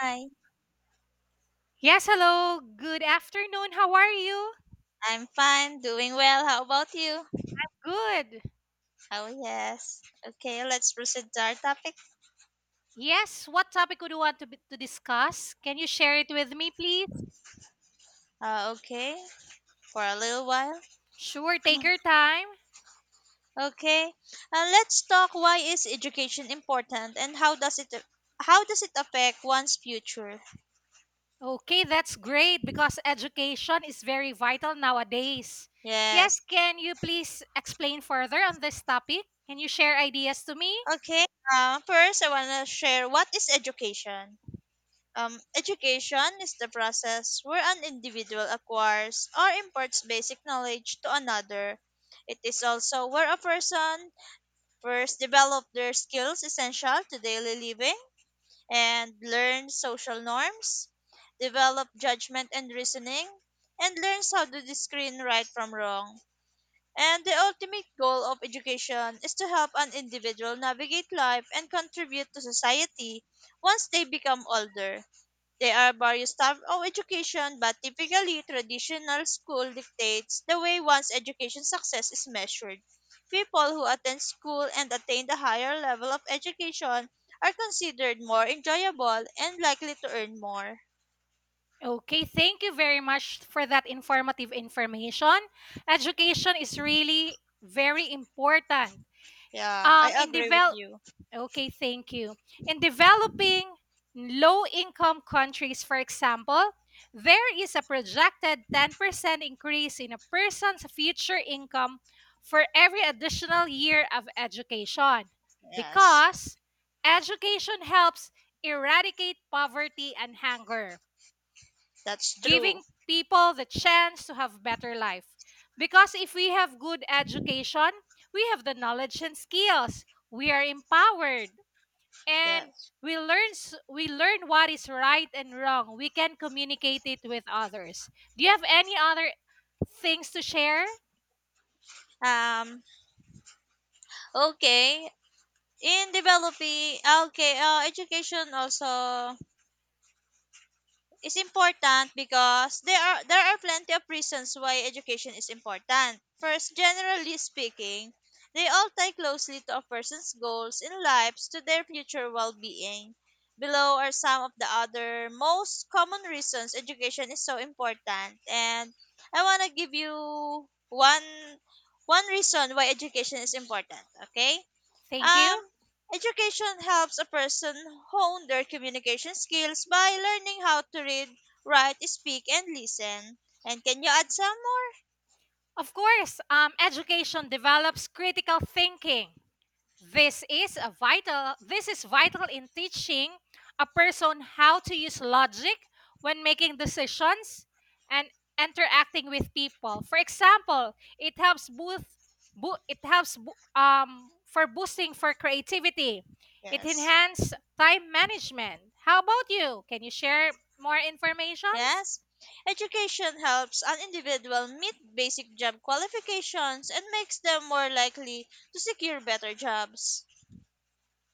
Hi. Yes, hello. Good afternoon. How are you? I'm fine, doing well. How about you? Good. Oh, yes. Okay, let's proceed to our topic. Yes, what topic would you want to discuss? Can you share it with me, please? Okay, for a little while. Sure, take your time. Okay, let's talk why is education important and how does it affect one's future? Okay, that's great because education is very vital nowadays. Yes, Yes. can you please explain further on this topic? Can you share ideas to me? Okay. First, I wanna share what is education. Education is the process where an individual acquires or imparts basic knowledge to another. It is also where a person first develop their skills essential to daily living and learn social norms, develop judgment and reasoning, and learns how to discern right from wrong. And the ultimate goal of education is to help an individual navigate life and contribute to society once they become older. There are various types of education, but typically traditional school dictates the way one's education success is measured. People who attend school and attain the higher level of education are considered more enjoyable and likely to earn more. Okay, thank you very much for that informative information. Education is really very important. Yeah, I In agree with develop you. Okay, thank you. In developing low income countries, for example, there is a projected 10% increase in a person's future income for every additional year of education Yes, because education helps eradicate poverty and hunger, that's true. giving people the chance to have better life. Because if we have good education, we have the knowledge and skills. We are empowered and Yes. We learn what is right and wrong. We can communicate it with others. Do you have any other things to share? Um. Okay. In developing, okay. Education also is important because there are plenty of reasons why education is important. First, generally speaking, they all tie closely to a person's goals in lives to their future well-being. Below are some of the other most common reasons education is so important, and I want to give you one one reason why education is important. Okay, Thank um, you. education helps a person hone their communication skills by learning how to read, write, speak, and listen. And can you add some more? Of course, education develops critical thinking. This is vital in teaching a person how to use logic when making decisions and interacting with people. For example, it helps boost bo- it helps bo- for boosting for creativity. It Yes. enhances time management. How about you? Can you share more information? Yes. Education helps an individual meet basic job qualifications and makes them more likely to secure better jobs.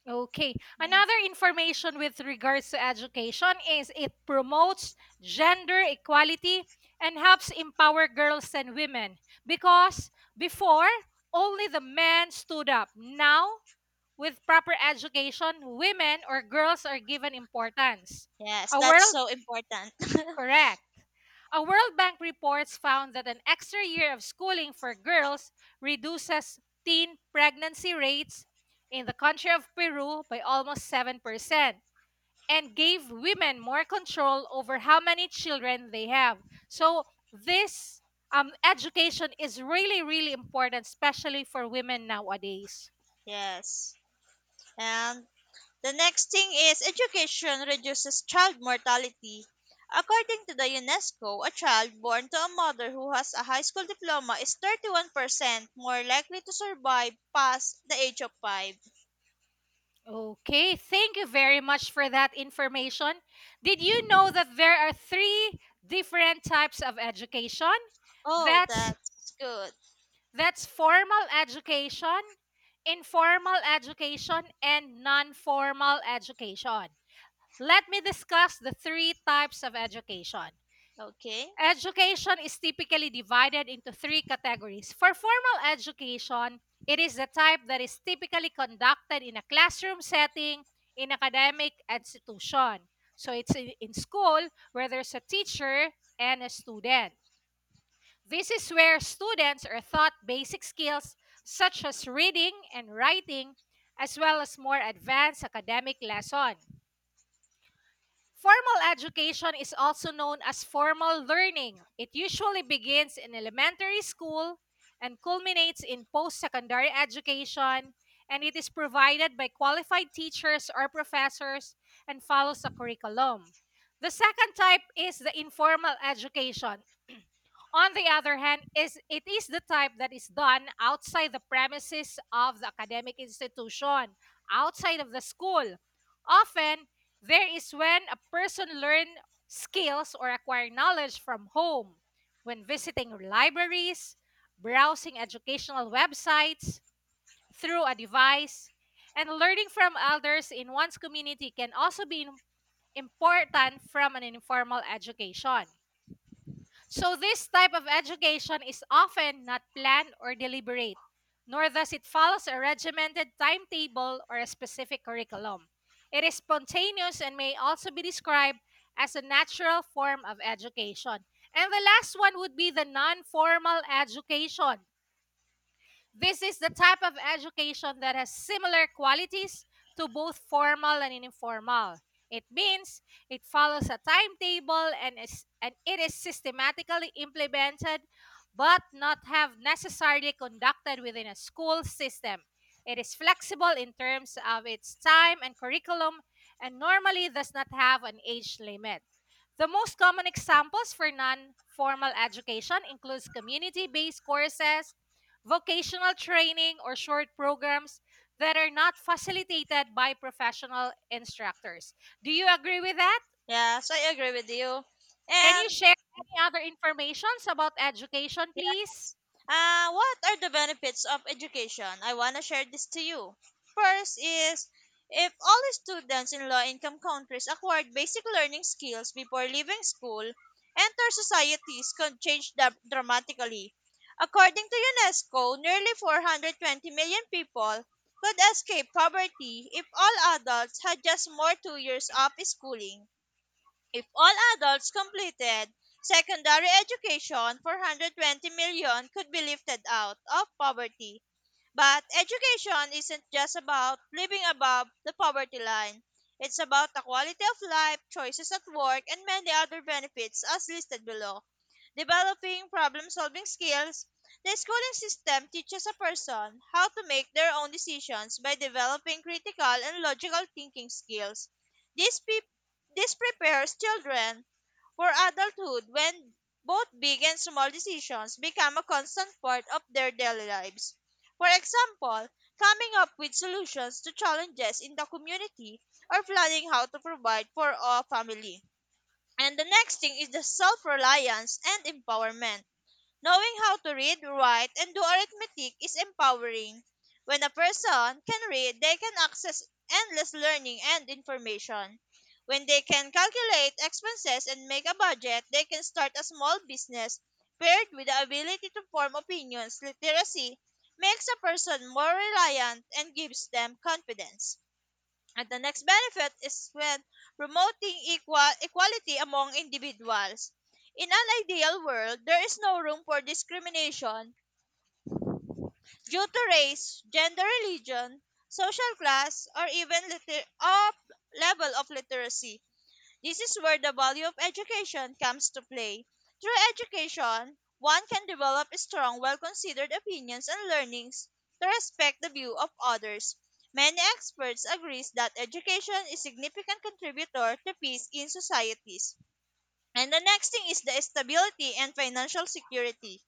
Okay. Yeah. Another information with regards to education is it promotes gender equality and helps empower girls and women because before only the men stood up. Now, with proper education, women or girls are given importance. Yes, A that's world so important. Correct. A World Bank reports found that an extra year of schooling for girls reduces teen pregnancy rates in the country of Peru by almost 7% and gave women more control over how many children they have. So, this education is really, really important, especially for women nowadays. Yes. And the next thing is education reduces child mortality. According to the UNESCO, a child born to a mother who has a high school diploma is 31% more likely to survive past the age of 5. Okay, thank you very much for that information. Did you know that there are three different types of education? Oh, That's that's good. that's formal education, informal education, and non-formal education. Let me discuss the three types of education. Okay. Education is typically divided into three categories. For formal education, it is the type that is typically conducted in a classroom setting in academic institution. So it's in school where there's a teacher and a student. This is where students are taught basic skills such as reading and writing, as well as more advanced academic lesson. Formal education is also known as formal learning. It usually begins in elementary school and culminates in post secondary education, and it is provided by qualified teachers or professors and follows a curriculum. The second type is the informal education. On the other hand, is it is the type that is done outside the premises of the academic institution, outside of the school. Often, there is when a person learn skills or acquire knowledge from home, when visiting libraries, browsing educational websites through a device, and learning from elders in one's community can also be important from an informal education. So, this type of education is often not planned or deliberate, nor does it follow a regimented timetable or a specific curriculum. It is spontaneous and may also be described as a natural form of education. And the last one would be the non formal education. This is the type of education that has similar qualities to both formal and informal. It means it follows a timetable and it is systematically implemented but not have necessarily conducted within a school system. It is flexible in terms of its time and curriculum and normally does not have an age limit. The most common examples for non-formal education includes community-based courses, vocational training, or short programs that are not facilitated by professional instructors. Do you agree with that? Yeah, so I agree with you. Can you And share any other informations about education, please? Yes. What are the benefits of education? I want to share this to you. First is if all students in low income countries acquired basic learning skills before leaving school, enter societies could change dramatically. According to UNESCO, nearly 420 million people could escape poverty if all adults had just more 2 years of schooling. If all adults completed secondary education, 420 million could be lifted out of poverty. But education isn't just about living above the poverty line. It's about the quality of life, choices at work, and many other benefits as listed below. Developing problem solving skills, the schooling system teaches a person how to make their own decisions by developing critical and logical thinking skills. This, pe- this prepares children for adulthood when both big and small decisions become a constant part of their daily lives. For example, coming up with solutions to challenges in the community or planning how to provide for a family. And the next thing is the self reliance and empowerment. Knowing how to read, write, and do arithmetic is empowering. When a person can read, they can access endless learning and information. When they can calculate expenses and make a budget, they can start a small business. Paired with the ability to form opinions, literacy makes a person more reliant and gives them confidence. And the next benefit is when promoting equality among individuals. In an ideal world, there is no room for discrimination due to race, gender, religion, social class, or even liter- of level of literacy. This is where the value of education comes to play. Through education, one can develop strong, well considered opinions and learnings to respect the view of others. Many experts agree that education is a significant contributor to peace in societies. And the next thing is the stability and financial security.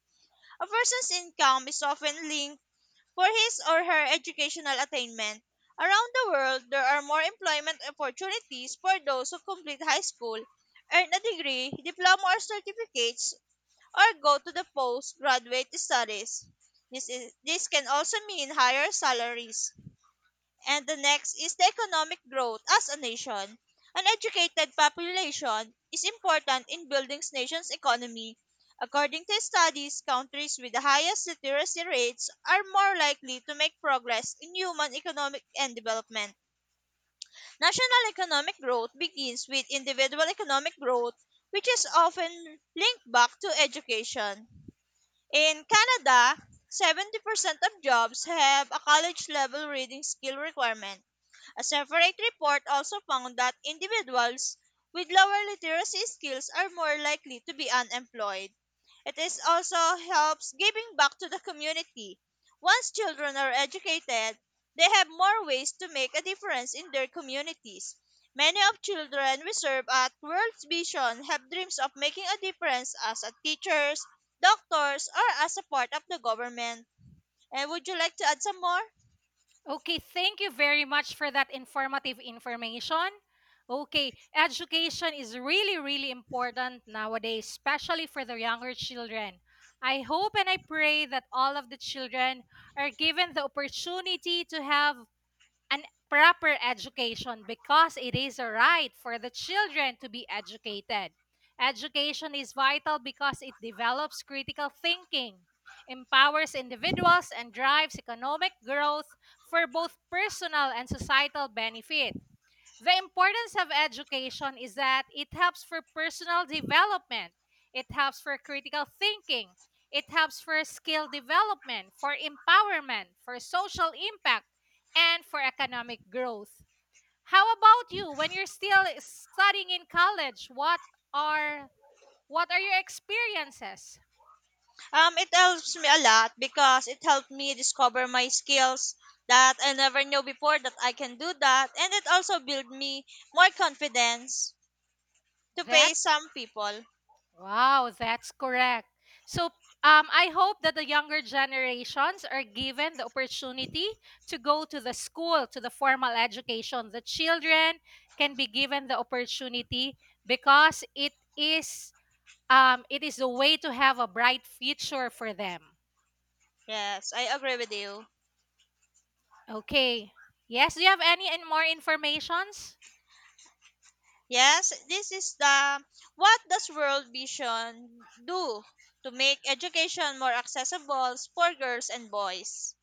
A person's income is often linked for his or her educational attainment. Around the world, there are more employment opportunities for those who complete high school, earn a degree, diploma or certificates, or go to the postgraduate studies. This can also mean higher salaries. And the next is the economic growth as a nation. An educated population is important in building nation's economy. According to studies, countries with the highest literacy rates are more likely to make progress in human economic and development. National economic growth begins with individual economic growth, which is often linked back to education. In Canada, 70% of jobs have a college level reading skill requirement. A separate report also found that individuals with lower literacy skills are more likely to be unemployed. It is also helps giving back to the community. Once children are educated, they have more ways to make a difference in their communities. Many of children we serve at World Vision have dreams of making a difference as a teachers, doctors, or as a part of the government. And would you like to add some more? Okay, thank you very much for that informative information. Okay, education is really, really important nowadays, especially for the younger children. I hope and I pray that all of the children are given the opportunity to have an proper education because it is a right for the children to be educated. Education is vital because it develops critical thinking, empowers individuals, and drives economic growth for both personal and societal benefit. The importance of education is that it helps for personal development, it helps for critical thinking, it helps for skill development, for empowerment, for social impact, and for economic growth. How about you when you're still studying in college? Are what are your experiences? It helps me a lot because it helped me discover my skills that I never knew before that I can do that, and it also built me more confidence to face That's some people. Wow, that's correct. So, I hope that the younger generations are given the opportunity to go to the school, to the formal education. The children can be given the opportunity because it is the way to have a bright future for them. Yes, I agree with you. Okay. Yes, do you have any and more informations? Yes, this is the what does World Vision do to make education more accessible for girls and boys?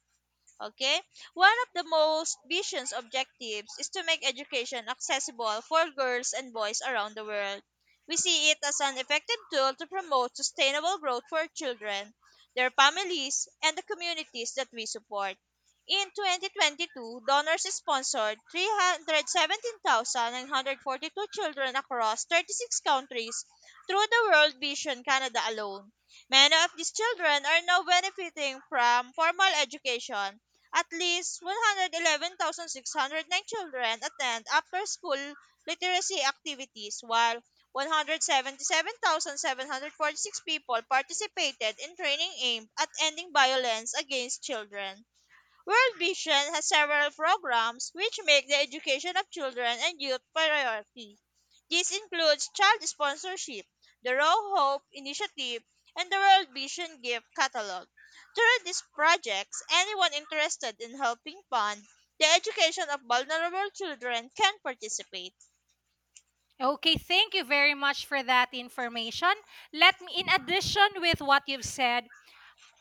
Okay? One of the most vision's objectives is to make education accessible for girls and boys around the world. We see it as an effective tool to promote sustainable growth for children, their families, and the communities that we support. In 2022, donors sponsored 317,942 children across 36 countries through the World Vision Canada alone. Many of these children are now benefiting from formal education at least 111,609 children attend after-school literacy activities, while 177,746 people participated in training aimed at ending violence against children. World Vision has several programs which make the education of children and youth priority. This includes child sponsorship, the Row Hope Initiative, and the World Vision Gift Catalog. Through these projects, anyone interested in helping fund the education of vulnerable children can participate. Okay, thank you very much for that information. Let me in addition with what you've said,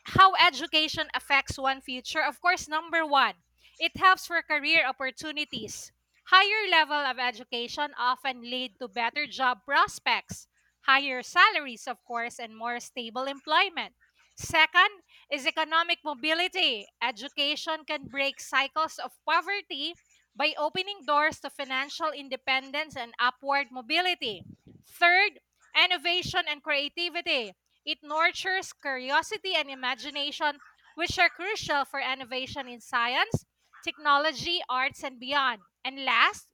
how education affects one future, of course, number one, it helps for career opportunities. Higher level of education often lead to better job prospects, higher salaries, of course, and more stable employment. Second is economic mobility. Education can break cycles of poverty by opening doors to financial independence and upward mobility. Third, innovation and creativity it nurtures curiosity and imagination, which are crucial for innovation in science, technology, arts, and beyond. And last,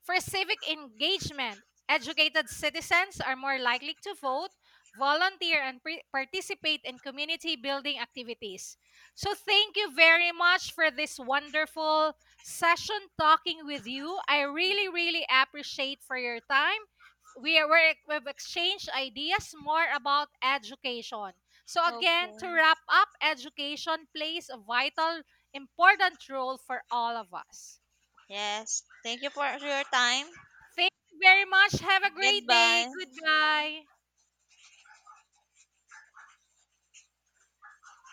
for civic engagement, educated citizens are more likely to vote, volunteer, and participate in community building activities. So, thank you very much for this wonderful session talking with you. I really, really appreciate for your time. We've exchanged ideas more about education. So again, to Okay. wrap up, education plays a vital, important role for all of us. Yes, thank you for your time. Thank you very much. Have a great day. Goodbye. Goodbye.